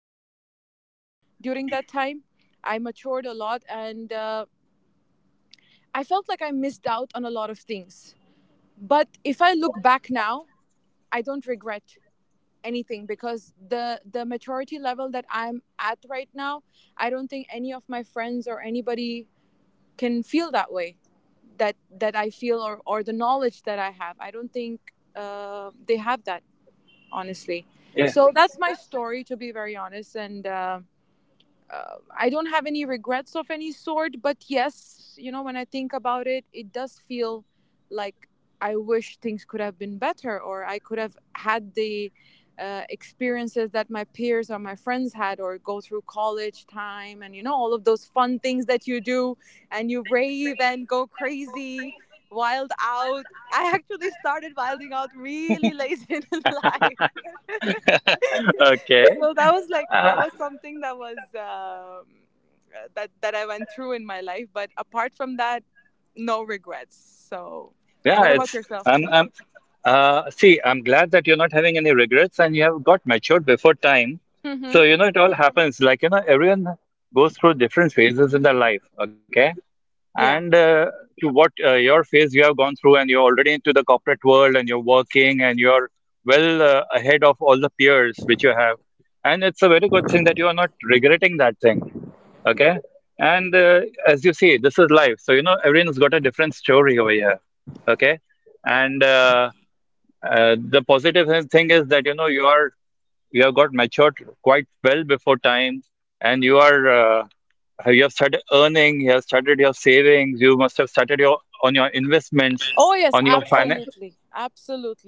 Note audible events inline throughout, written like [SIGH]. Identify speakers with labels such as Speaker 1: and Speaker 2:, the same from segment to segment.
Speaker 1: matured a lot during that time, I matured a lot. And I felt like I missed out on a lot of things. But if I look back now, I don't regret anything, because the maturity level that I'm at right now, I don't think any of my friends or anybody can feel that way that I feel, or the knowledge that I have, I don't think they have that, honestly.
Speaker 2: Yeah.
Speaker 1: So that's my story, to be very honest. And uh, I don't have any regrets of any sort. But yes, when I think about it, it does feel like I wish things could have been better, or I could have had the experiences that my peers or my friends had, or go through college time and, all of those fun things that you do and you rave and go crazy, wild out. I actually started wilding out really late [LAUGHS] in life.
Speaker 2: Okay.
Speaker 1: So that was, like, that
Speaker 2: Uh,
Speaker 1: was something that was, that I went through in my life. But apart from that, no regrets. So,
Speaker 2: yeah,
Speaker 1: what about
Speaker 2: it's
Speaker 1: yourself?
Speaker 2: I'm see, I'm glad that you're not having any regrets and you have got matured before time.
Speaker 1: Hmm.
Speaker 2: So, you know, it all happens. Like, you know, everyone goes through different phases in their life, okay?
Speaker 1: Yeah.
Speaker 2: And to what your phase you have gone through and you're already into the corporate world and you're working and you're well ahead of all the peers which you have, and it's a very good thing that you are not regretting that thing. Okay. And as you see, this is life, so you know everyone's got a different story over here. Okay. And thing is that, you know, you are you have got matured quite well before time and you are you have started earning, you have started your savings, you must have started your on your investments,
Speaker 1: Oh yes,
Speaker 2: on your finance,
Speaker 1: absolutely,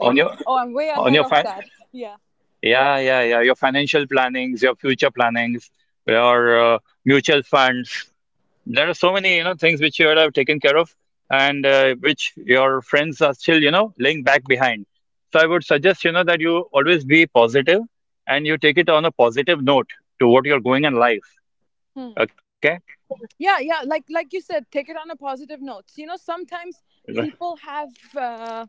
Speaker 2: on your
Speaker 1: Oh, I'm way
Speaker 2: on
Speaker 1: ahead
Speaker 2: your
Speaker 1: of
Speaker 2: fin
Speaker 1: that. [LAUGHS] Yeah.
Speaker 2: yeah, yeah, yeah, your financial plannings, your future plannings, your mutual funds. There are so many, you know, things which you would have taken care of and which your friends are still, you know, laying back behind. So I would suggest, you know, that you always be positive and you take it on a positive note to what you're going in life.
Speaker 1: Hmm.
Speaker 2: Okay?
Speaker 1: Yeah, yeah. Like you said, take it on a positive note.
Speaker 2: Right.
Speaker 1: People have. uh,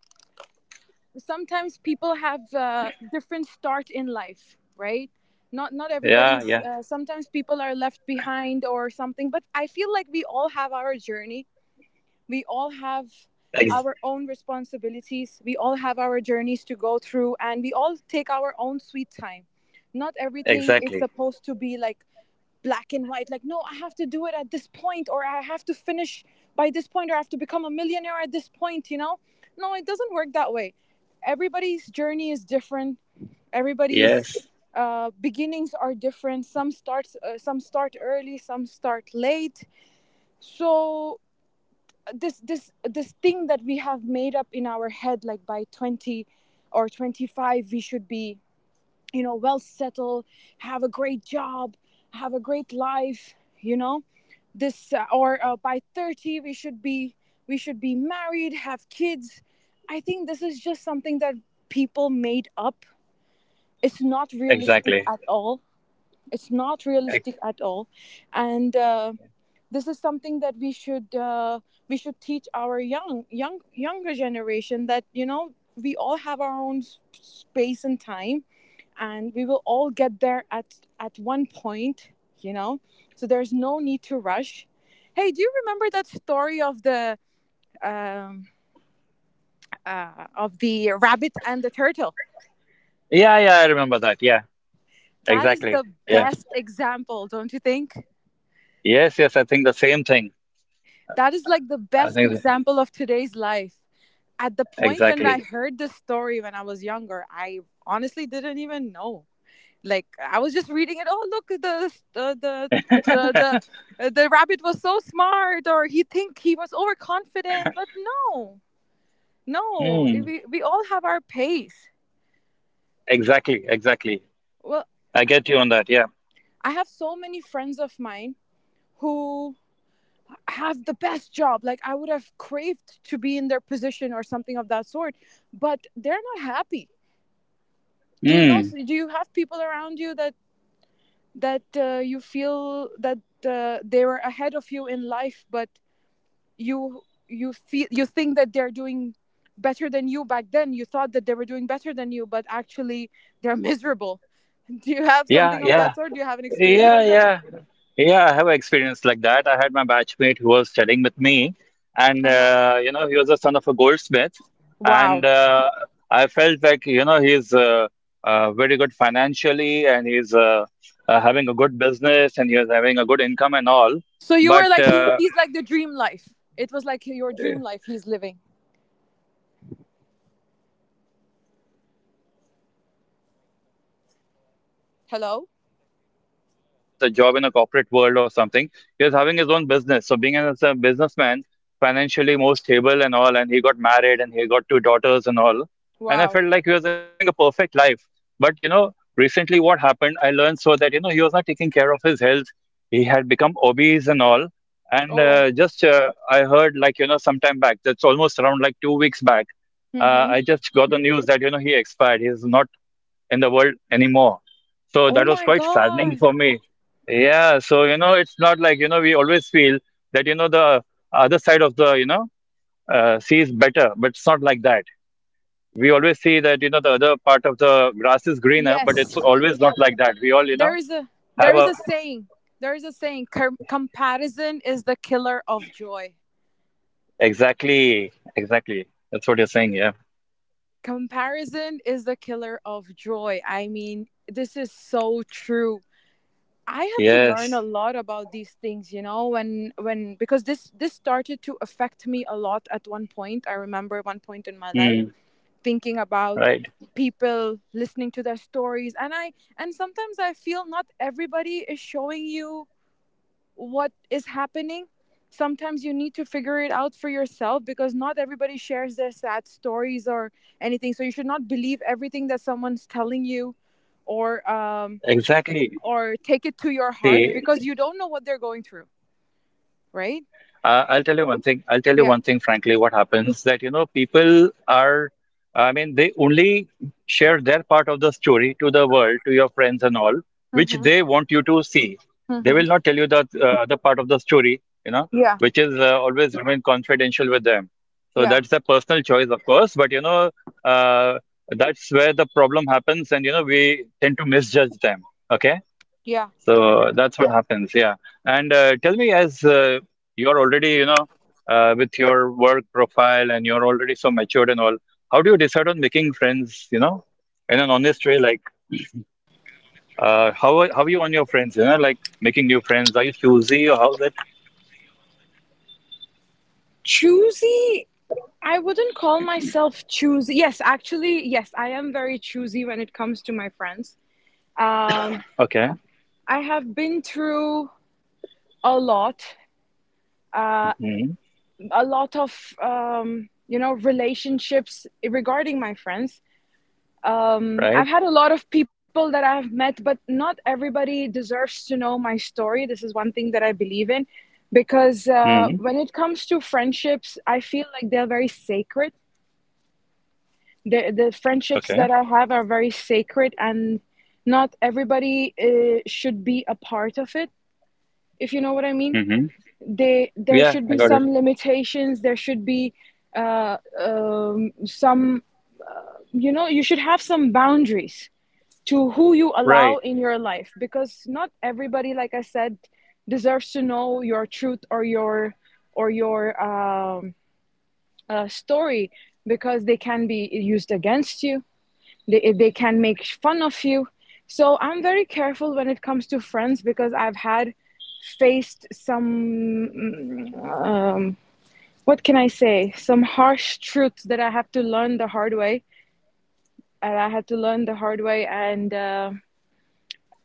Speaker 1: Sometimes people have different start in life, right? Not
Speaker 2: Yeah,
Speaker 1: everybody's—
Speaker 2: yeah.
Speaker 1: sometimes people are left behind or something, but I feel like we all have our journey, we all have
Speaker 2: Ex
Speaker 1: our own responsibilities, we all have our journeys to go through, and we all take our own sweet time. Not everything is
Speaker 2: Exactly.
Speaker 1: supposed to be like black and white, like, no, I have to do it at this point, or I have to finish by this point, or I have to become a millionaire at this point. No, it doesn't work that way. Everybody's journey is different, everybody's
Speaker 2: Yes,
Speaker 1: beginnings are different, some start early, some start late. So this thing that we have made up in our head, like by 20 or 25 we should be, well settled, have a great job, have a great life, you know. This, or by 30 we should be married, have kids. I think this is just something that people made up. It's not realistic
Speaker 2: exactly.
Speaker 1: at all. It's not
Speaker 2: Ex-
Speaker 1: realistic at all. And this is something that we should, we should teach our younger generation, that we all have our own space and time, and we will all get there at one point, you know so there's no need to rush. Hey, do you remember that story um of the rabbit and the turtle?
Speaker 2: Yeah, yeah, I remember that. Yeah,
Speaker 1: That is
Speaker 2: exactly.
Speaker 1: the
Speaker 2: Yes.
Speaker 1: best example. Don't you think
Speaker 2: Yes, yes, I think the same thing.
Speaker 1: that is, like, the
Speaker 2: I
Speaker 1: best
Speaker 2: think
Speaker 1: example of today's life? At the point when
Speaker 2: exactly.
Speaker 1: I heard this story when I was younger, I honestly didn't even know. Like, I was just reading it. Oh, look, the the rabbit was so smart, or he think he was overconfident. But no, no,
Speaker 2: Hmm.
Speaker 1: we all have our pace.
Speaker 2: Exactly, exactly.
Speaker 1: Well,
Speaker 2: I get you on that. Yeah.
Speaker 1: I have so many friends of mine who have the best job. Like, I would have craved to be in their position or something of that sort, but they're not happy. Do you know?
Speaker 2: Hmm.
Speaker 1: Do you have people around you that you feel that they were ahead of you in life, but you you think that they're doing better than you— back then you thought that they were doing better than you, but actually they're miserable? [LAUGHS] Do you have
Speaker 2: Yeah,
Speaker 1: something of
Speaker 2: yeah.
Speaker 1: that sort? Do you have an experience
Speaker 2: Yeah,
Speaker 1: like that?
Speaker 2: yeah. Yeah, I have experience like that. I had my batchmate who was studying with me, and
Speaker 1: Uh-huh.
Speaker 2: you know, he was the son of a goldsmith, and
Speaker 1: Wow.
Speaker 2: I felt like, you know, he's very good financially, and he's having a good business, and he was having a good income and all.
Speaker 1: So you
Speaker 2: But
Speaker 1: were, like, he's like the dream life, it was like your dream life he's living.
Speaker 2: yeah, yeah, he was like, you know, uh, very rich and all, and you know, he's like nothing to worry for. It's
Speaker 1: Hello.
Speaker 2: not like something like we do, you know, as a job in a corporate world or something. He's having his own business. So being as a businessman, financially more stable and all, and he got married and he got two daughters and all. And I
Speaker 1: Wow.
Speaker 2: felt like he was having a perfect life. But you know, recently what happened, I learned so that, you know, he was not taking care of his health. He had become obese and all. And
Speaker 1: Oh.
Speaker 2: just I heard like you know sometime back, that's almost around like 2 weeks back.
Speaker 1: Mm-hmm.
Speaker 2: I just got the news that you know he expired. He's not in the world anymore. So
Speaker 1: Oh
Speaker 2: that was
Speaker 1: my
Speaker 2: quite saddening
Speaker 1: god.
Speaker 2: for me. Yeah. So you know it's not like you know we always feel that you know the other side of the you know sea is better, but it's not like that. We always see that you know the other part of the grass is greener, but
Speaker 1: Yes,
Speaker 2: it's always not like that. We all you
Speaker 1: there
Speaker 2: know
Speaker 1: is a
Speaker 2: have
Speaker 1: there is
Speaker 2: a
Speaker 1: a saying, there is a saying comparison is the killer of joy.
Speaker 2: exactly, exactly. That's what you're saying. Yeah.
Speaker 1: Comparison is the killer of joy. I mean, this is so true. I had to learn
Speaker 2: Yes.
Speaker 1: a lot about these things, when because this started to affect me a lot at one point. I remember one point in my
Speaker 2: Hmm.
Speaker 1: life thinking about
Speaker 2: Right.
Speaker 1: people, listening to their stories, and I and sometimes I feel not everybody is showing you what is happening. Sometimes you need to figure it out for yourself, because not everybody shares their sad stories or anything. So you should not believe everything that someone's telling you, or
Speaker 2: Exactly.
Speaker 1: take it to your heart,
Speaker 2: See,
Speaker 1: because you don't know what they're going through, right?
Speaker 2: I'll tell you
Speaker 1: Yeah.
Speaker 2: one thing, frankly, what happens that, you know, people are, I mean, they only share their part of the story to the world, to your friends and all, which
Speaker 1: Mhm.
Speaker 2: they want you to see. They
Speaker 1: Mhm.
Speaker 2: will not tell you that the part of the story, you know,
Speaker 1: Yeah.
Speaker 2: which is always remain confidential with them. So
Speaker 1: Yeah.
Speaker 2: that's a personal choice, of course, but, you know, uh, that's where the problem happens, and, you know, we tend to misjudge them. Okay.
Speaker 1: Yeah.
Speaker 2: So that's what happens, yeah. And tell me, as you're already, you know, with your work profile and you're already so matured and all, how do you decide on making friends, you know, in an honest way? Like, how are you on your friends, you know, like making new friends? Are you choosy or how's it?
Speaker 3: Choosy, I wouldn't call myself choosy. Yes, actually, yes, I am very choosy when it comes to my friends. Um,
Speaker 2: Okay.
Speaker 3: I have been through a lot,
Speaker 2: Hmm.
Speaker 3: a lot of, relationships regarding my friends. I've
Speaker 2: Right.
Speaker 3: had a lot of people that I've met, but not everybody deserves to know my story. This is one thing that I believe in because
Speaker 2: Hmm.
Speaker 3: when it comes to friendships, I feel like they're very sacred. The friendships
Speaker 2: Okay.
Speaker 3: that I have are very sacred, and not everybody should be a part of it. If you know what I mean,
Speaker 2: Hmm.
Speaker 3: they there
Speaker 2: Yeah,
Speaker 3: should
Speaker 2: I
Speaker 3: be
Speaker 2: got it.
Speaker 3: some limitations. There should be some. You should have some boundaries to who you allow
Speaker 2: Right.
Speaker 3: in your life because not everybody, like I said, deserves to know your truth or your or your um, story because they can be used against you. They can make fun of you, so I'm very careful when it comes to friends because I've had faced some um, what can I say some harsh truths that I have to learn the hard way, and I had to learn the hard way. And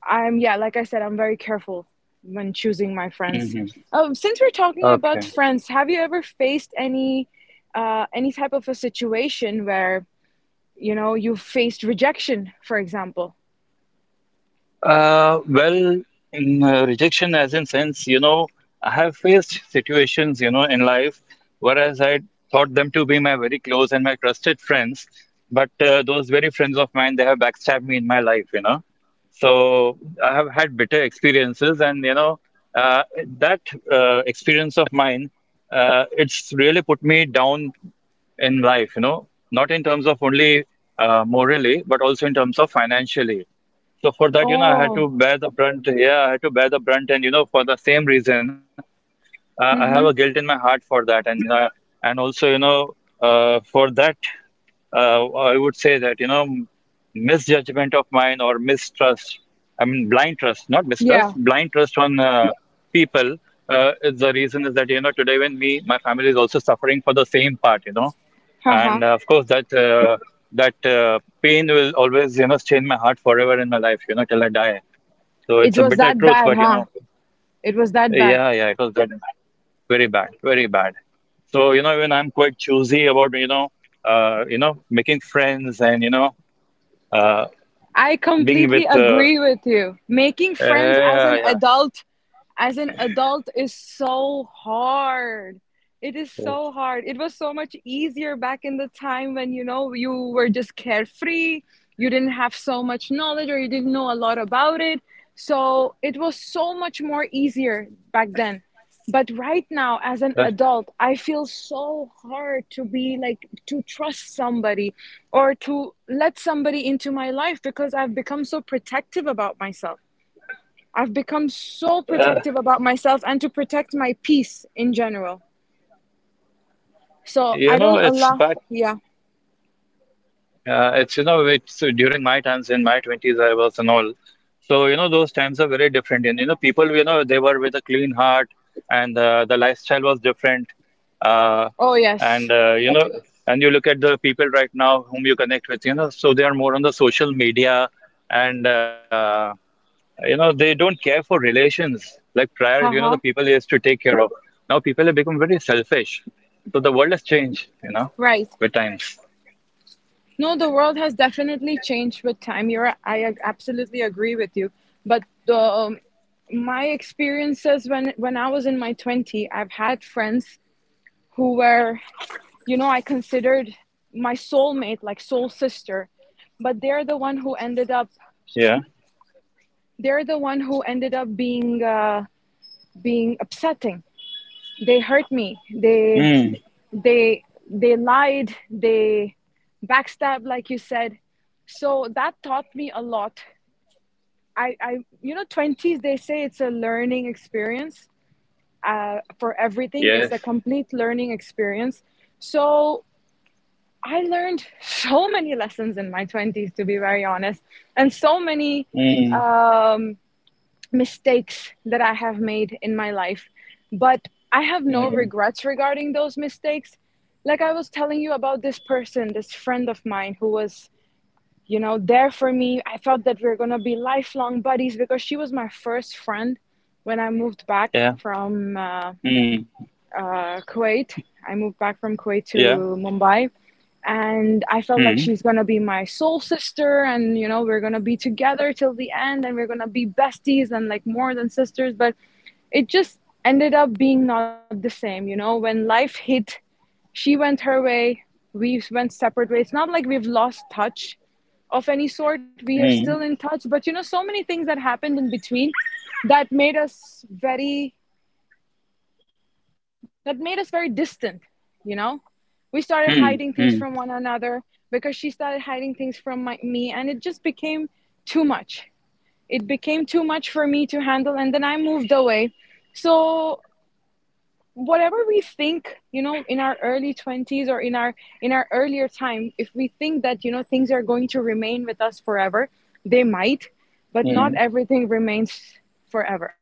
Speaker 3: I'm yeah like I said, I'm very careful when choosing my friends.
Speaker 2: Hmm.
Speaker 3: Since we're talking
Speaker 2: Okay.
Speaker 3: about friends, have you ever faced any type of a situation where, you faced rejection, for example?
Speaker 2: Well, in rejection, as in sense, you know, I have faced situations, you know, in life, whereas I thought them to be my very close and my trusted friends, but those very friends of mine, they have backstabbed me in my life, you know. So I have had bitter experiences, and you know, uh, that experience of mine, it's really put me down in life, you know, not in terms of only morally, but also in terms of financially. So for that, you know, I had
Speaker 3: Oh,
Speaker 2: to bear the brunt. Yeah, I had to bear the brunt, and you know, for the same reason, I have a guilt in
Speaker 3: mm-hmm.
Speaker 2: my heart for that, and you and also, you know, for that, I would say that you know, misjudgment of mine or mistrust. I mean, blind trust, not mistrust,
Speaker 3: Yeah,
Speaker 2: blind trust on people. Is the reason is that you know today when me, my family is also suffering for the same part. You know, and
Speaker 3: haha.
Speaker 2: of course, that that uh, pain will always, you know, stay in my heart forever in my life, you know, till I die. So
Speaker 3: It
Speaker 2: it's a
Speaker 3: was
Speaker 2: bitter
Speaker 3: that
Speaker 2: truth,
Speaker 3: bad,
Speaker 2: but you
Speaker 3: huh?
Speaker 2: know,
Speaker 3: It was that bad.
Speaker 2: yeah, yeah, it was that very bad, very bad. So you know, even I'm quite choosy about you know, making friends and you know, uh,
Speaker 3: I
Speaker 2: being
Speaker 3: completely
Speaker 2: with,
Speaker 3: agree with you. Making friends
Speaker 2: yeah, yeah. Yeah.
Speaker 3: as an adult, is so hard. It is so hard. It was so much easier back in the time when, you were just carefree. You didn't have so much knowledge, or you didn't know a lot about it. So it was so much more easier back then. But right now, as an
Speaker 2: That,
Speaker 3: adult, I feel so hard to be like, to trust somebody or to let somebody into my life because I've become so protective about myself. I've become so protective about myself and to protect my peace in general, so
Speaker 2: you
Speaker 3: I
Speaker 2: know,
Speaker 3: don't
Speaker 2: it's
Speaker 3: allow.
Speaker 2: back.
Speaker 3: Yeah.
Speaker 2: It's, you know, it's during my times in my 20s, I was and all. So, you know, those times are very different. And, you know, people, you know, they were with a clean heart and the lifestyle was different. Uh,
Speaker 3: Oh, yes.
Speaker 2: you know, and you look at the people right now whom you connect with, you know, so they are more on the social media and, you know, they don't care for relations like prior, you know, the
Speaker 3: Haha.
Speaker 2: people used to take care of. Now people have become very selfish. So the world has changed, you know,
Speaker 3: Right.
Speaker 2: with times.
Speaker 3: No, the world has definitely changed with time. I absolutely agree with you. But the my experiences, when I was in my 20, I've had friends who were, I considered my soulmate, like soul sister, but they're the one who ended
Speaker 2: Yeah.
Speaker 3: up. They're the one who ended up being upsetting. They hurt me.
Speaker 2: Mm.
Speaker 3: They they lied, they backstabbed, like you said. So that taught me a lot. I you know 20s, they say it's a learning experience for everything. It's
Speaker 2: Yes.
Speaker 3: a complete learning experience, so I learned so many lessons in my 20s, to be very honest. And so many
Speaker 2: Mm,
Speaker 3: um, mistakes that I have made in my life, but I have no
Speaker 2: mm,
Speaker 3: regrets regarding those mistakes. Like I was telling you about this person, this friend of mine who was, there for me. I thought that we were going to be lifelong buddies because she was my first friend when I moved back
Speaker 2: yeah,
Speaker 3: from
Speaker 2: mm,
Speaker 3: Kuwait. I moved back from Kuwait to
Speaker 2: yeah,
Speaker 3: Mumbai, and I felt
Speaker 2: mm,
Speaker 3: like she's gonna be my soul sister, and we're gonna be together till the end, and we're gonna be besties and, like, more than sisters. But it just ended up being not the same. When life hit, she went her way, we went separate ways. It's not like we've lost touch of any sort. We are
Speaker 2: mm,
Speaker 3: still in touch, but so many things that happened in between that made us very distant, you know? We started
Speaker 2: mm,
Speaker 3: hiding
Speaker 2: mm,
Speaker 3: things from one another because she started hiding things from me, and it just became too much. It became too much for me to handle, and then I moved away. So, whatever we think, in our early 20s or in our earlier time, if we think that, things are going to remain with us forever, they might, but
Speaker 2: mm.
Speaker 3: not everything remains forever.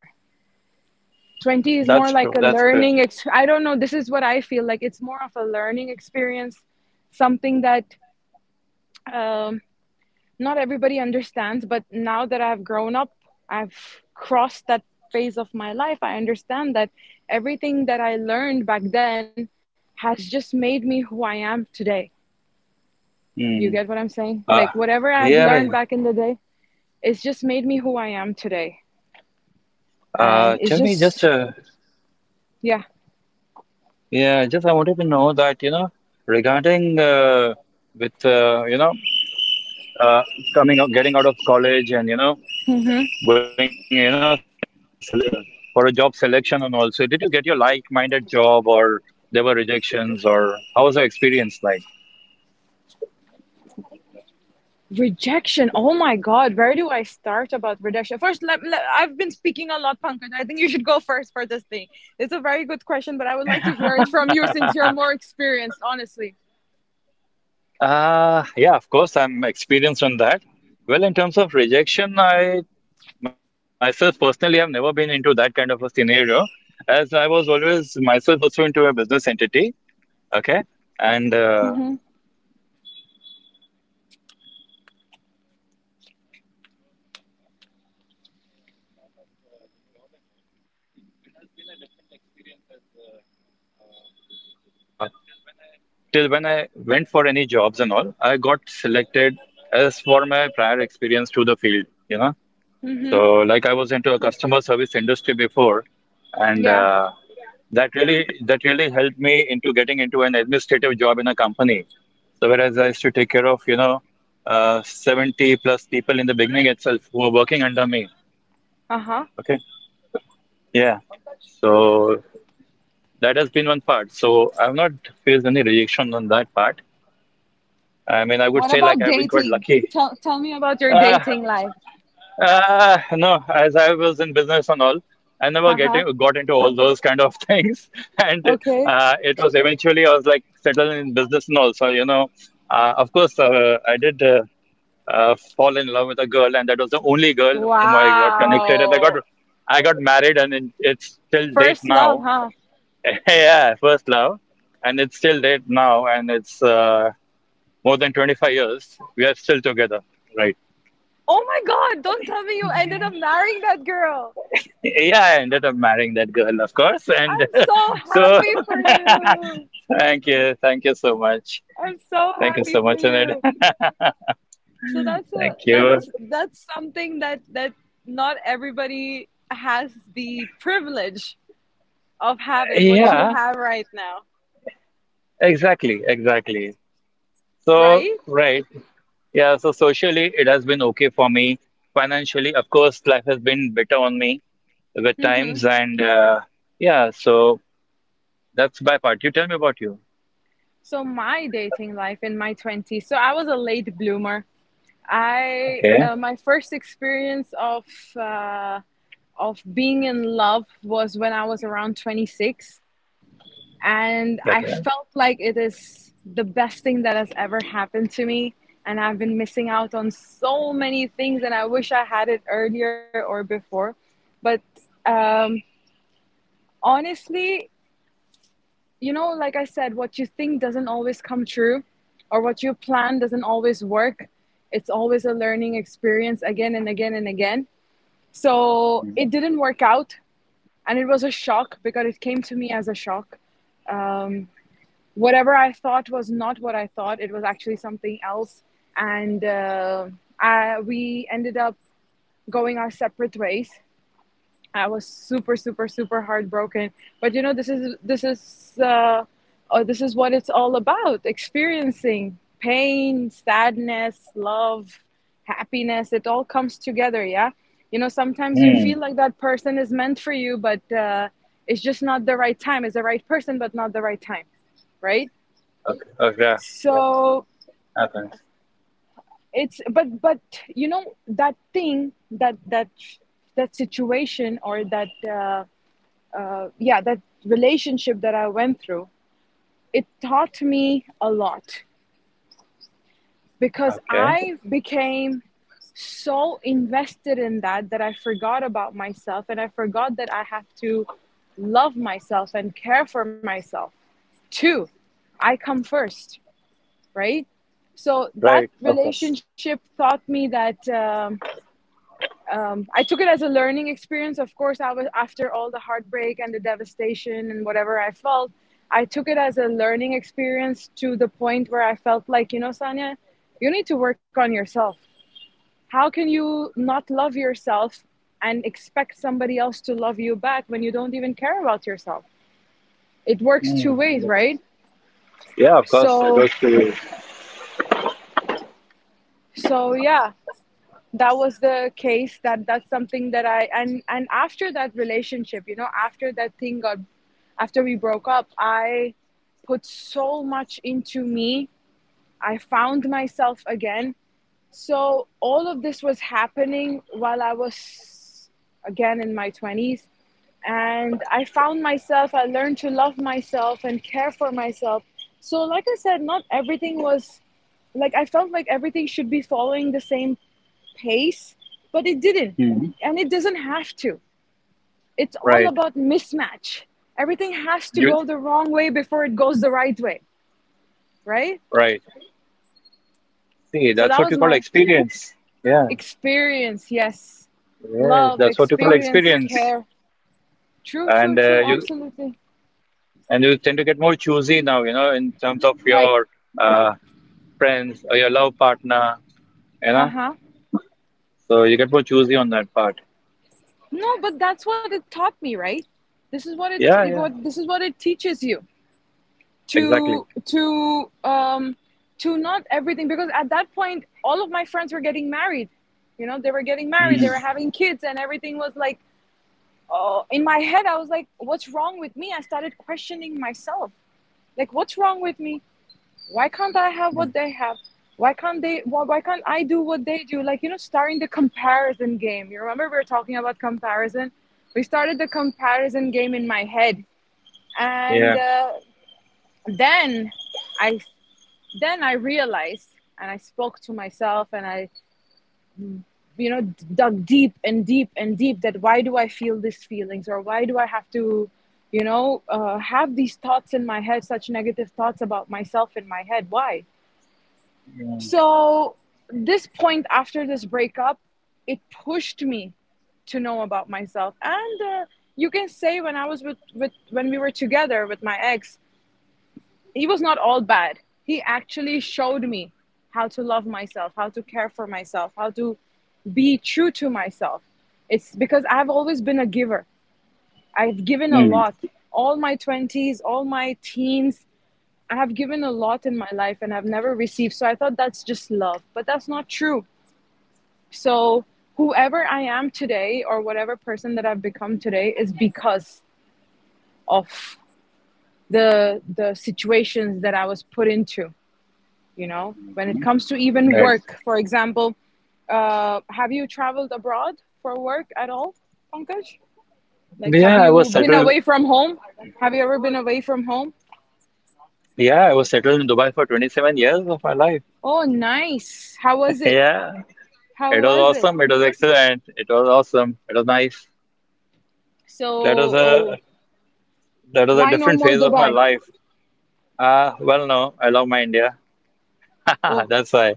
Speaker 3: 20 is
Speaker 2: That's
Speaker 3: more
Speaker 2: true,
Speaker 3: like a
Speaker 2: that's true.
Speaker 3: learning I don't know, this is what I feel like. It's more of a learning experience, something that um, not everybody understands. But now that I've grown up, I've crossed that phase of my life. I understand that everything that I learned back then has just made me who I am today. You get what
Speaker 2: Mm.
Speaker 3: I'm saying? Like,
Speaker 2: Uh,
Speaker 3: whatever I've learned
Speaker 2: yeah,
Speaker 3: back in the day, it's just made me who I am today. And it's
Speaker 2: tell me
Speaker 3: just,
Speaker 2: just,
Speaker 3: yeah.
Speaker 2: yeah, just I wanted to know that, you know, regarding with, you know, uh, coming out, getting out of college and, you know, going, you know, sele for a job selection, and also, did you get your like-minded job or there were rejections or how was the experience like?
Speaker 3: Rejection. Oh my God, where do I start about rejection? First, I've been speaking a lot, Pankaj. I think you should go [LAUGHS] first for this thing. It's a very good question, but I would like to hear it from you since you're more experienced, honestly.
Speaker 2: Yeah, of course, I'm experienced on that. Well, in terms of rejection, I myself personally have never been into that kind of a scenario, as I was always myself also into a business entity. Okay. And
Speaker 3: Mm-hmm.
Speaker 2: I was into a business entity and exited from there. Uh, life took a toss on that part, but of course, on the part of the job and all, it has been a different experience as uh, till when I went for any jobs and all, I got selected as for my prior experience to the field, you know. So
Speaker 3: Mm-hmm.
Speaker 2: like I was into a customer service industry before, and
Speaker 3: Yeah.
Speaker 2: that really helped me into getting into an administrative job in a company. So whereas I used to take care of, you know, 70 plus people in the beginning itself who were working under me.
Speaker 3: Uh-huh.
Speaker 2: Okay. Yeah. So that has been one part. So I've not faced any rejection on that part. I mean, I would
Speaker 3: What
Speaker 2: say like
Speaker 3: about
Speaker 2: I've been quite
Speaker 3: dating?
Speaker 2: lucky.
Speaker 3: Tell me about your
Speaker 2: Uh,
Speaker 3: dating life.
Speaker 2: no, as I was in business and all, I never
Speaker 3: Uh-huh.
Speaker 2: getting got into all those kind of things, [LAUGHS] and
Speaker 3: Okay.
Speaker 2: it was eventually I was like settled in business and all. So you know, of course, I did fall in love with a girl, and that was the only girl whom I got connected, and I got
Speaker 3: Wow.
Speaker 2: I got married, and it's still date
Speaker 3: First love,
Speaker 2: now.
Speaker 3: huh?
Speaker 2: [LAUGHS] Yeah, first love, and it's still date now, and it's more than 25 years. We are still together, right?
Speaker 3: Oh my God, don't tell me you ended up marrying that girl.
Speaker 2: Yeah, I ended up marrying that girl, of course. And
Speaker 3: I'm so
Speaker 2: [LAUGHS] so,
Speaker 3: happy for you.
Speaker 2: [LAUGHS] thank you. Thank you so much.
Speaker 3: I'm so
Speaker 2: Thank you
Speaker 3: happy
Speaker 2: so much,
Speaker 3: for
Speaker 2: Anand.
Speaker 3: you.
Speaker 2: [LAUGHS]
Speaker 3: So that's a
Speaker 2: Thank you.
Speaker 3: that's that's something that not everybody has the privilege of having what you
Speaker 2: Yeah,
Speaker 3: have right now,
Speaker 2: exactly. Exactly. So,
Speaker 3: right?
Speaker 2: right. Yeah, so socially, it has been okay for me. Financially, of course, life has been better on me with
Speaker 3: Hmm.
Speaker 2: times. And yeah, so that's my part. You tell me about you.
Speaker 3: So my dating life in my 20s. So I was a late bloomer. I
Speaker 2: Okay.
Speaker 3: My first experience uh, of being in love was when I was around 26, and I
Speaker 2: Okay.
Speaker 3: felt like it is the best thing that has ever happened to me. And I've been missing out on so many things, and I wish I had it earlier or before. But um, honestly, like I said, what you think doesn't always come true, or what you plan doesn't always work. It's always a learning experience, again and again and again. So it didn't work out, and it was a shock because it came to me as a shock. Um, Whatever I thought was not what I thought. It was actually something else, and we ended up going our separate ways. I was super, super, super heartbroken. But this is what it's all about: experiencing pain, sadness, love, happiness. It all comes together. Yeah, sometimes you
Speaker 2: Mm.
Speaker 3: feel like that person is meant for you, but it's just not the right time. It's the right person, but not the right time, right?
Speaker 2: Okay. Okay. Yeah.
Speaker 3: So
Speaker 2: Happens.
Speaker 3: it's but you know that thing that that that situation, or that relationship that I went through, it taught me a lot because
Speaker 2: Okay.
Speaker 3: I became so invested in that that I forgot about myself. And I forgot that I have to love myself and care for myself too. I come first, right? So that
Speaker 2: Right. Of course.
Speaker 3: relationship taught me that. I took it as a learning experience. Of course, I was, after all the heartbreak and the devastation and whatever I felt, I took it as a learning experience to the point where I felt like, Sanya, you need to work on yourself. How can you not love yourself and expect somebody else to love you back when you don't even care about yourself? It works two
Speaker 2: Hmm.
Speaker 3: ways, right?
Speaker 2: Yeah, of course, that
Speaker 3: So,
Speaker 2: was true.
Speaker 3: so, yeah. That was the case. That that's something that I and After that relationship, after that thing got after we broke up, I put so much into me. I found myself again. So all of this was happening while I was again in my 20s, and I found myself. I learned to love myself and care for myself. So like I said, not everything was like I felt like everything should be following the same pace, but it didn't.
Speaker 2: Hmm.
Speaker 3: And it doesn't have to. It's all
Speaker 2: Right.
Speaker 3: about mismatch. Everything has to
Speaker 2: You
Speaker 3: go the wrong way before it goes the right way, right?
Speaker 2: right. See,
Speaker 3: So
Speaker 2: that's
Speaker 3: that
Speaker 2: what
Speaker 3: was
Speaker 2: you call
Speaker 3: my
Speaker 2: experience. Yeah.
Speaker 3: experience. Yes.
Speaker 2: Yeah.
Speaker 3: Love,
Speaker 2: That's what you call
Speaker 3: experience,
Speaker 2: experience.
Speaker 3: care. True,
Speaker 2: And
Speaker 3: true, true.
Speaker 2: you
Speaker 3: Absolutely.
Speaker 2: and you tend to get more choosy now, you know, in terms of
Speaker 3: Right.
Speaker 2: your uh, friends or your love partner, you
Speaker 3: Uh
Speaker 2: know.
Speaker 3: huh.
Speaker 2: So you get more choosy on that part.
Speaker 3: No, but that's what it taught me, right? This is what it
Speaker 2: Yeah, yeah.
Speaker 3: this is what it teaches you.
Speaker 2: Exactly.
Speaker 3: to to um to not everything, because at that point all of my friends were getting married. They were getting married, they
Speaker 2: Hmm.
Speaker 3: were having kids, and everything was like, oh, in my head I was like, what's wrong with me? I started questioning myself like, what's wrong with me? Why can't I have what they have? Why can't I do what they do? Like, starting the comparison game. You remember we were talking about comparison? We started the comparison game in my head. and
Speaker 2: Yeah.
Speaker 3: uh, then I I realized, and I spoke to myself and I, you know, dug deep and deep and deep, that why do I feel these feelings? Or why do I have to, have these thoughts in my head, such negative thoughts about myself in my head? Why? So, this point after this breakup, it pushed me to know about myself. And you can say when I was with when we were together with my ex, he was not all bad. He actually showed me how to love myself, how to care for myself, how to be true to myself. It's because I've always been a giver. I've given a
Speaker 2: Hmm.
Speaker 3: lot. All my 20s, all my teens, I have given a lot in my life and I've never received. So I thought that's just love, but that's not true. So whoever I am today or whatever person that I've become today is because of the situations that I was put into. When it comes to even
Speaker 2: Right.
Speaker 3: work, for example, have you traveled abroad for work at all, Pankaj? Like have
Speaker 2: Yeah, I
Speaker 3: you
Speaker 2: was
Speaker 3: been
Speaker 2: settled.
Speaker 3: away from home? Have you ever been away from home?
Speaker 2: Yeah, I was settled in Dubai for 27 years of my life.
Speaker 3: Oh, nice. How was
Speaker 2: [LAUGHS]
Speaker 3: it?
Speaker 2: Yeah.
Speaker 3: how
Speaker 2: It was
Speaker 3: was it
Speaker 2: awesome. It was excellent. It was awesome. It was nice.
Speaker 3: so,
Speaker 2: That was a
Speaker 3: oh,
Speaker 2: that was a
Speaker 3: why no
Speaker 2: different
Speaker 3: more
Speaker 2: phase of my
Speaker 3: Dubai?
Speaker 2: life. Ah, well, no, I love my India. [LAUGHS]
Speaker 3: Oh,
Speaker 2: That's why.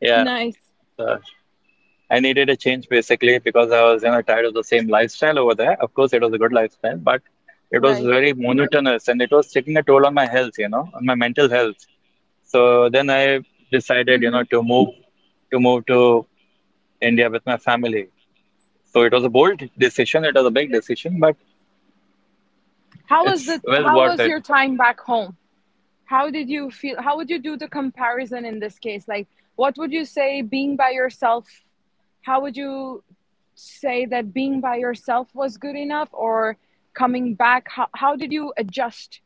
Speaker 2: Yeah,
Speaker 3: nice.
Speaker 2: uh, I needed a change basically because I was you know tired of the same lifestyle over there. Of course, it was a good lifestyle, but it was
Speaker 3: Right.
Speaker 2: very monotonous and it was taking a toll on my health, you know, on my mental health. So then I decided, you
Speaker 3: Hmm.
Speaker 2: know, to move to India with my family. So it was a bold decision. It was a big decision, but it's well
Speaker 3: How
Speaker 2: worth
Speaker 3: was
Speaker 2: it.
Speaker 3: your time back home? How did you feel? How would you do the comparison in this case? Like what would you say being by yourself? How would you say that being by yourself was good enough or coming back? How did you adjust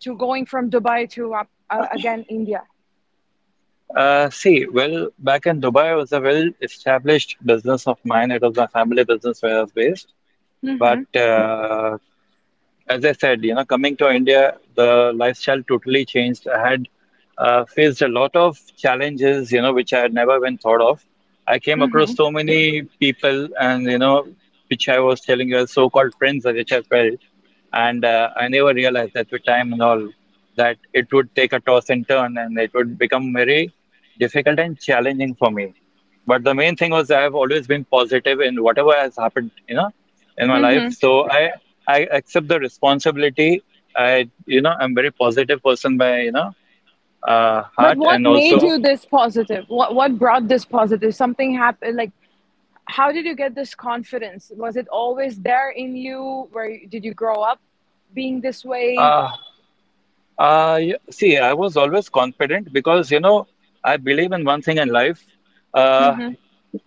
Speaker 3: to going from Dubai to again India?
Speaker 2: See, well, back in Dubai, it was a well-established business of mine. It was my family business where I was based. But
Speaker 3: Hmm.
Speaker 2: as I said, you know, coming to India, the lifestyle totally changed. I had faced a lot of challenges, you know, which I had never even thought of. I came
Speaker 3: Hmm.
Speaker 2: across so many people, and you know, which I was telling you as so-called friends, which I felt. And I never realized that with time and all, that it would take a toss and turn and it would become very difficult and challenging for me. But the main thing was I have always been positive in whatever has happened, you know, in my life. So I accept the responsibility. I you know I'm very positive person by you know
Speaker 3: But
Speaker 2: heart
Speaker 3: what
Speaker 2: and
Speaker 3: made
Speaker 2: also
Speaker 3: you this positive? What brought this positive? Something happened. Like how did you get this confidence? Was it always there in you? Where did you grow up being this way?
Speaker 2: uh, I see I was always confident because you know I believe in one thing in life. Uh,
Speaker 3: Hmm.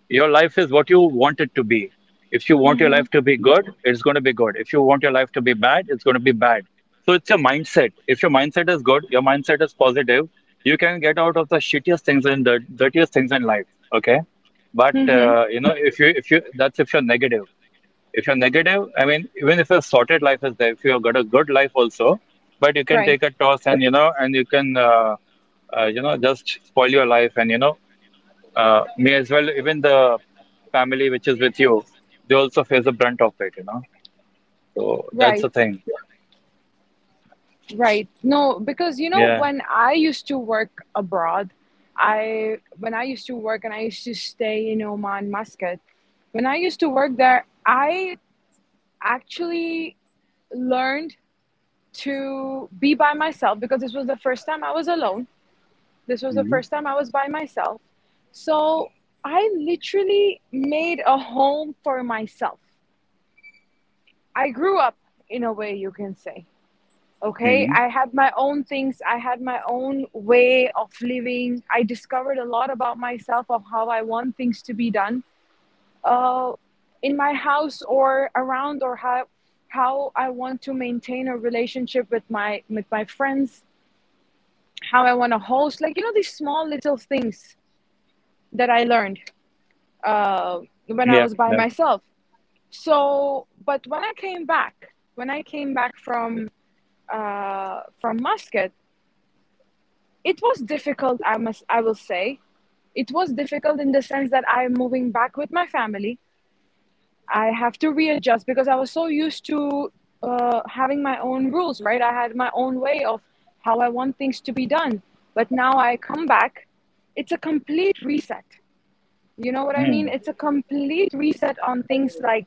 Speaker 2: Your life is what you want it to be. If you want your
Speaker 3: Hmm.
Speaker 2: life to be good, it's going to be good. If you want your life to be bad, it's going to be bad. So it's your mindset. If your mindset is good, your mindset is positive, you can get out of the shittiest things and the dirtiest things in life. Okay, but
Speaker 3: Hmm.
Speaker 2: you know if you that's if you're negative. If you're negative, I mean, even if a sorted life is there, if you've got a good life also, but you can
Speaker 3: Right.
Speaker 2: take a toss and you know, and you can. You know, just spoil your life and you know me as well, even the family which is with you, they also face the brunt of it, you know. So that's
Speaker 3: Right.
Speaker 2: the thing.
Speaker 3: Right. No, because
Speaker 2: Yeah.
Speaker 3: when I used to work abroad, I when I used to work and I used to stay in Oman, Muscat. When I used to work there, I actually learned to be by myself, because this was the first time I was alone. This was the
Speaker 2: Hmm.
Speaker 3: first time I was by myself. So I literally made a home for myself. I grew up in a way, you can say. Okay,
Speaker 2: Hmm.
Speaker 3: I had my own things, I had my own way of living. I discovered a lot about myself, of how I want things to be done, uh, in my house or around, or how I want to maintain a relationship with my friends, how I want to host, like these small little things that I learned
Speaker 2: Yeah.
Speaker 3: uh,
Speaker 2: Yeah.
Speaker 3: when I was by myself. So but when I came back, when i came back from from Muscat, it was difficult, I will say. It was difficult in the sense that I'm moving back with my family. I have to readjust because I was so used to having my own rules, right? I had my own way of how I want things to be done. But now I come back, it's a complete reset. You know what I
Speaker 2: Mm.
Speaker 3: mean? It's a complete reset on things. Like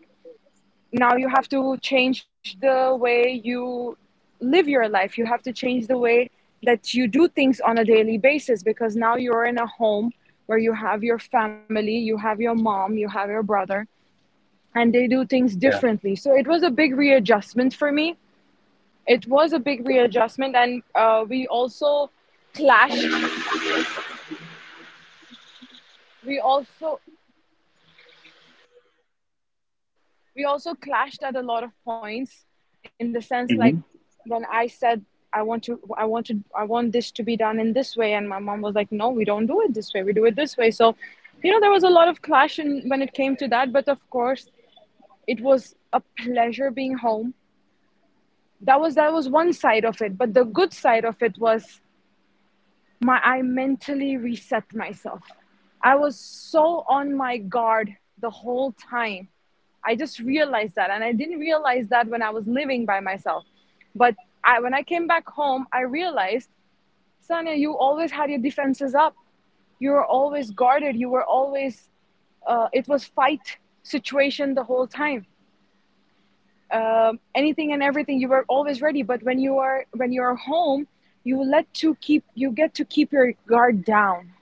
Speaker 3: now you have to change the way you live your life. You have to change the way that you do things on a daily basis, because now you're in a home where you have your family, you have your mom, you have your brother, and they do things
Speaker 2: Yeah.
Speaker 3: differently. So it was a big readjustment for me. It was a big readjustment, and we also clashed. We also we also clashed at a lot of points, in the sense like
Speaker 2: Hmm.
Speaker 3: when I said, I want to, I want this to be done in this way, and my mom was like, no, we don't do it this way, we do it this way. So there was a lot of clash when it came to that. But of course it was a pleasure being home. That was one side of it. But the good side of it was my I mentally reset myself. I was so on my guard the whole time. I just realized that, and I didn't realize that when I was living by myself. But I when I came back home, I realized, Sonia, you always had your defenses up. You were always guarded. You were always, it was fight situation the whole time. Anything and everything, you were always ready. But when you are home, you get to keep your guard down,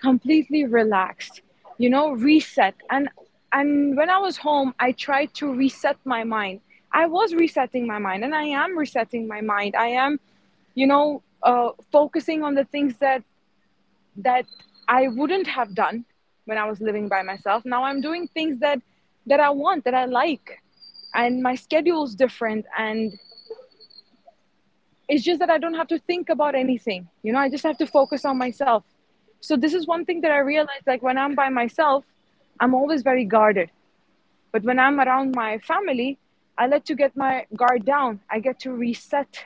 Speaker 3: completely relaxed, reset. And when I was home, I tried to reset my mind. I was resetting my mind, and I am resetting my mind. I am, focusing on the things that I wouldn't have done when I was living by myself. Now I'm doing things that I want, that I like, and my schedule's different. And it's just that I don't have to think about anything. You know, I just have to focus on myself. So this is one thing that I realized, like when I'm by myself, I'm always very guarded. But when I'm around my family, I let to get my guard down. I get to reset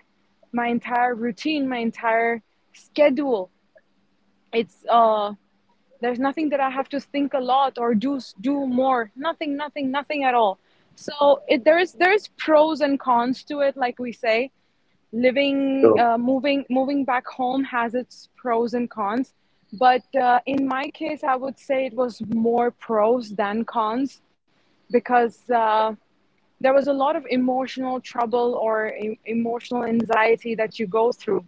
Speaker 3: my entire routine, my entire schedule. It's there's nothing that I have to think a lot or do more. Nothing, nothing, nothing at all. So it there is pros and cons to it. Like we say, living
Speaker 2: So
Speaker 3: moving back home has its pros and cons. But in my case I would say it was more pros than cons, because there was a lot of emotional trouble or emotional anxiety that you go through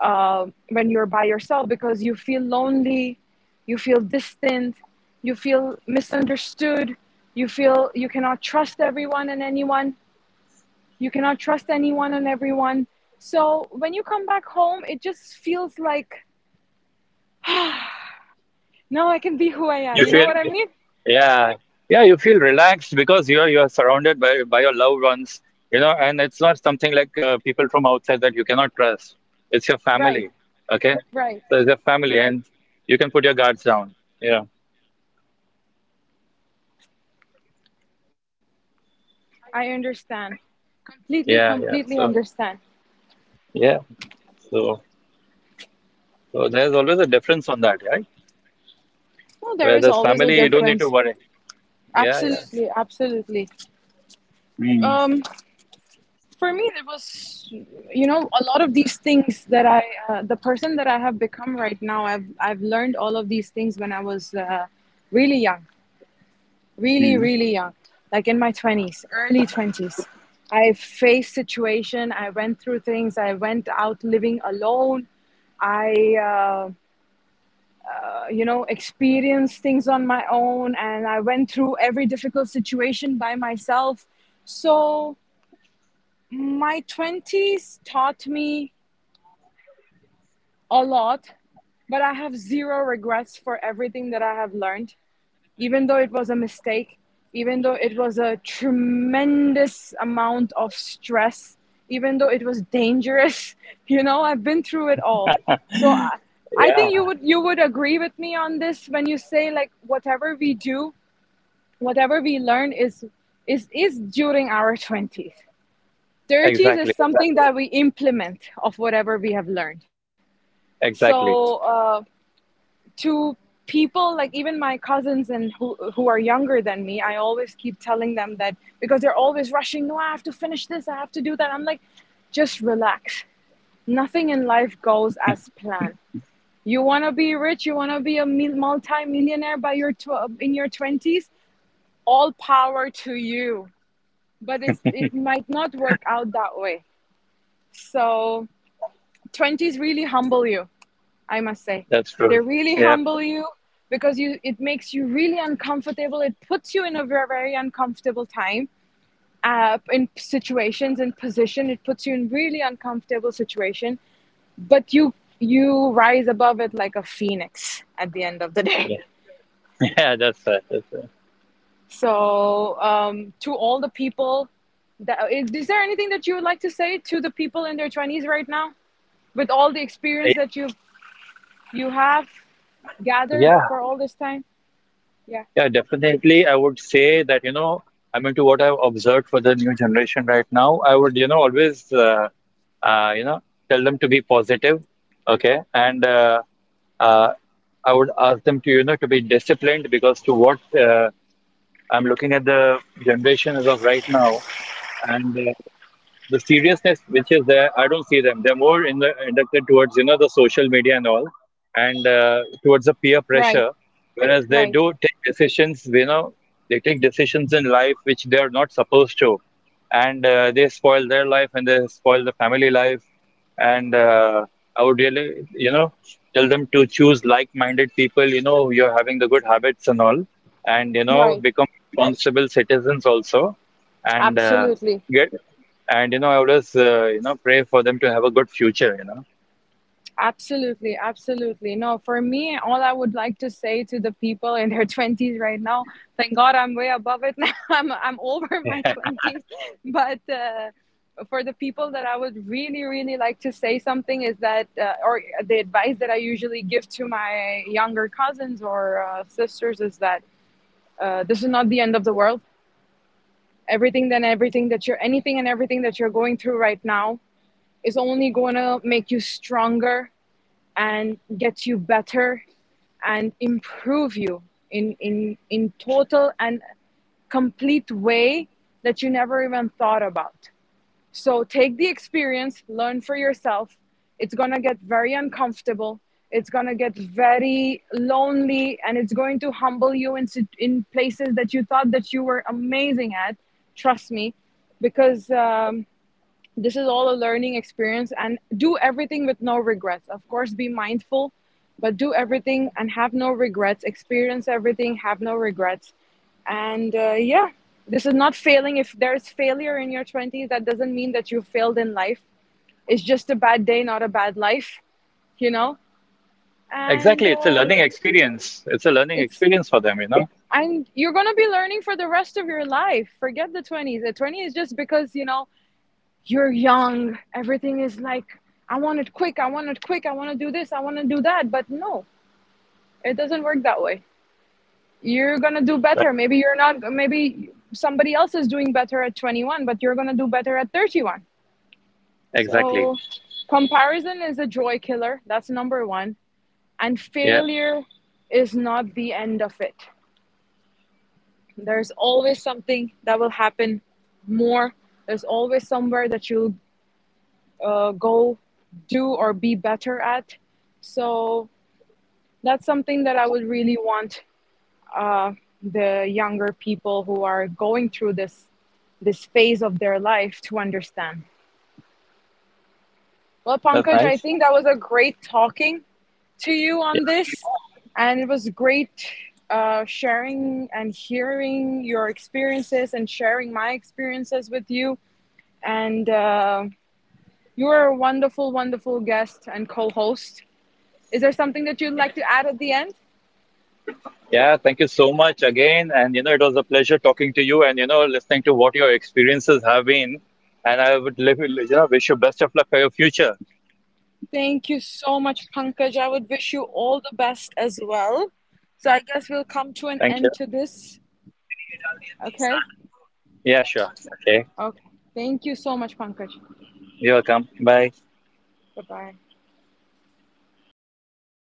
Speaker 3: when you're by yourself. Because you feel lonely, you feel distant, you feel misunderstood, you feel you cannot trust everyone and anyone. You cannot trust anyone and everyone. So when you come back home, it just feels like, now I can be who I am.
Speaker 2: you
Speaker 3: You know
Speaker 2: feel,
Speaker 3: what I mean?
Speaker 2: yeah, yeah, you feel relaxed because you're surrounded by your loved ones, you know, and it's not something like people from outside that you cannot trust. It's your
Speaker 3: Right,
Speaker 2: family, okay?
Speaker 3: right.
Speaker 2: So it's your family, and you can put your guards down. Yeah.
Speaker 3: I understand. Completely,
Speaker 2: Yeah. Yeah.
Speaker 3: completely
Speaker 2: So
Speaker 3: understand.
Speaker 2: yeah. So so there's always a difference on that, right?
Speaker 3: Well, there
Speaker 2: Where
Speaker 3: is
Speaker 2: the
Speaker 3: always a
Speaker 2: family, you don't need to
Speaker 3: difference.
Speaker 2: worry. Yeah, yeah.
Speaker 3: Absolutely, absolutely.
Speaker 2: Mm,
Speaker 3: Um, for me, there was, a lot of these things that the person that I have become right now, I've learned all of these things when I was really young. Really,
Speaker 2: mm.
Speaker 3: really young, like in my 20s, early 20s. I faced situation. I went through things. I went out living alone. I, experienced things on my own, and I went through every difficult situation by myself. So my twenties taught me a lot, but I have zero regrets for everything that I have learned. Even though it was a mistake, even though it was a tremendous amount of stress, even though it was dangerous, [LAUGHS] I've been through it all. So I think
Speaker 2: Yeah,
Speaker 3: you would agree with me on this. When you say like whatever we do, whatever we learn is during our 20s. 30s is
Speaker 2: exactly,
Speaker 3: something
Speaker 2: exactly,
Speaker 3: that we implement of whatever we have learned. So
Speaker 2: exactly.
Speaker 3: to people like even my cousins and who are younger than me, I always keep telling them that, because they're always rushing, no, I have to finish this, I have to do that. I'm like, just relax. Nothing in life goes as planned. You want to be rich, you want to be a multi-millionaire in your 20s, all power to you. But it might not work out that way. So 20s really humble you, I must say.
Speaker 2: That's
Speaker 3: They
Speaker 2: true.
Speaker 3: really
Speaker 2: Yep.
Speaker 3: humble you because you, it makes you really uncomfortable. It puts you in a very, very uncomfortable time, in situations, in position. It puts you in really uncomfortable situation, but you rise above it like a phoenix at the end of the day.
Speaker 2: [LAUGHS] Yeah, that's right. That's right.
Speaker 3: So to all the people, is there anything that you would like to say to the people in their twenties right now, with all the experience
Speaker 2: I-
Speaker 3: that you have gathered
Speaker 2: Yeah,
Speaker 3: for
Speaker 2: and
Speaker 3: all this time? Yeah.
Speaker 2: yeah, definitely. I would say that, you know, I mean, to what I've observed for the new generation right now, I would, you know, always, you know, tell them to be positive, okay, and uh, I would ask them to, you know, to be disciplined because to what I'm looking at the generation as of right now, and the seriousness which is there, I don't see them. They're more in inducted towards you know the social media and all, and towards the peer
Speaker 3: Right.
Speaker 2: pressure. Whereas they
Speaker 3: Right,
Speaker 2: do take decisions, you know, they take decisions in life which they are not supposed to, and they spoil their life and they spoil the family life and I would really, you know, tell them to choose like-minded people, you know, you're having the good habits and all, and you know,
Speaker 3: right.
Speaker 2: become responsible citizens also, and
Speaker 3: Absolutely.
Speaker 2: get, and you know, I always, you know, pray for them to have a good future, you
Speaker 3: Absolutely, absolutely. No, for me, all I would like to say to the people in their [LAUGHS] 20s right now, thank God I'm way above it [LAUGHS] now. I'm over [LAUGHS] my
Speaker 2: know. [LAUGHS]
Speaker 3: 20s. But for the people, that I would really, really like to say something, is or the advice that I usually give to my younger cousins or sisters is that this is not the end of the world. Everything, then everything that you're, anything and everything that you're going through right now is only going to make you stronger and get you better and improve you in in total and complete way that you never even thought about. So take the experience, learn for yourself. It's going to get very uncomfortable. It's going to get very lonely, and it's going to humble you in places that you thought that you were amazing at. Trust me, because this is all a learning experience. And do everything with no regrets. Of course, be mindful, but do everything and have no regrets. Experience everything, have no regrets. And yeah, this is not failing. If there's failure in your 20s, that doesn't mean that you failed in life. It's just a bad day, not a bad life, you know and
Speaker 2: Exactly, it's a
Speaker 3: uh,
Speaker 2: learning experience. It's a learning
Speaker 3: it's
Speaker 2: experience for them, you know.
Speaker 3: and you're gonna be learning for the rest of your life. Forget the 20s. the 20s is just because you're young, everything is like, I want it quick, I want it quick, I want to do this, I want to do that. But no, it doesn't work that way. You're going to do better.
Speaker 2: Right.
Speaker 3: Maybe you're not. Maybe somebody else is doing better at 21, but you're going to do better at 31.
Speaker 2: Exactly.
Speaker 3: So comparison is a joy killer. That's number one. And
Speaker 2: Yeah,
Speaker 3: failure is not the end of it. There's always something that will happen more. There's always somewhere that you'll go, do, or be better at. So that's something that I would really want uh, the younger people who are going through this phase of their life to understand. Well,
Speaker 2: that's
Speaker 3: Pankaj, I
Speaker 2: nice.
Speaker 3: think that was a great talking to you on
Speaker 2: Yeah, same
Speaker 3: this,
Speaker 2: here.
Speaker 3: and it was great sharing and hearing your experiences and sharing my experiences with you. And you are a wonderful, wonderful guest and co-host. Is there something that you'd like to add at the end?
Speaker 2: Yeah, thank you so much again. And, you know, it was a pleasure talking to you and, you know, listening to what your experiences have been. And I would, you know, wish you best of luck for your future.
Speaker 3: Thank you so much, Pankaj. I would wish you all the best as well. So I guess we'll come to an
Speaker 2: Thank
Speaker 3: end
Speaker 2: you.
Speaker 3: to this. Okay?
Speaker 2: Yeah, sure. Okay.
Speaker 3: Okay. Thank you so much, Pankaj.
Speaker 2: You're welcome. Bye.
Speaker 3: Bye bye.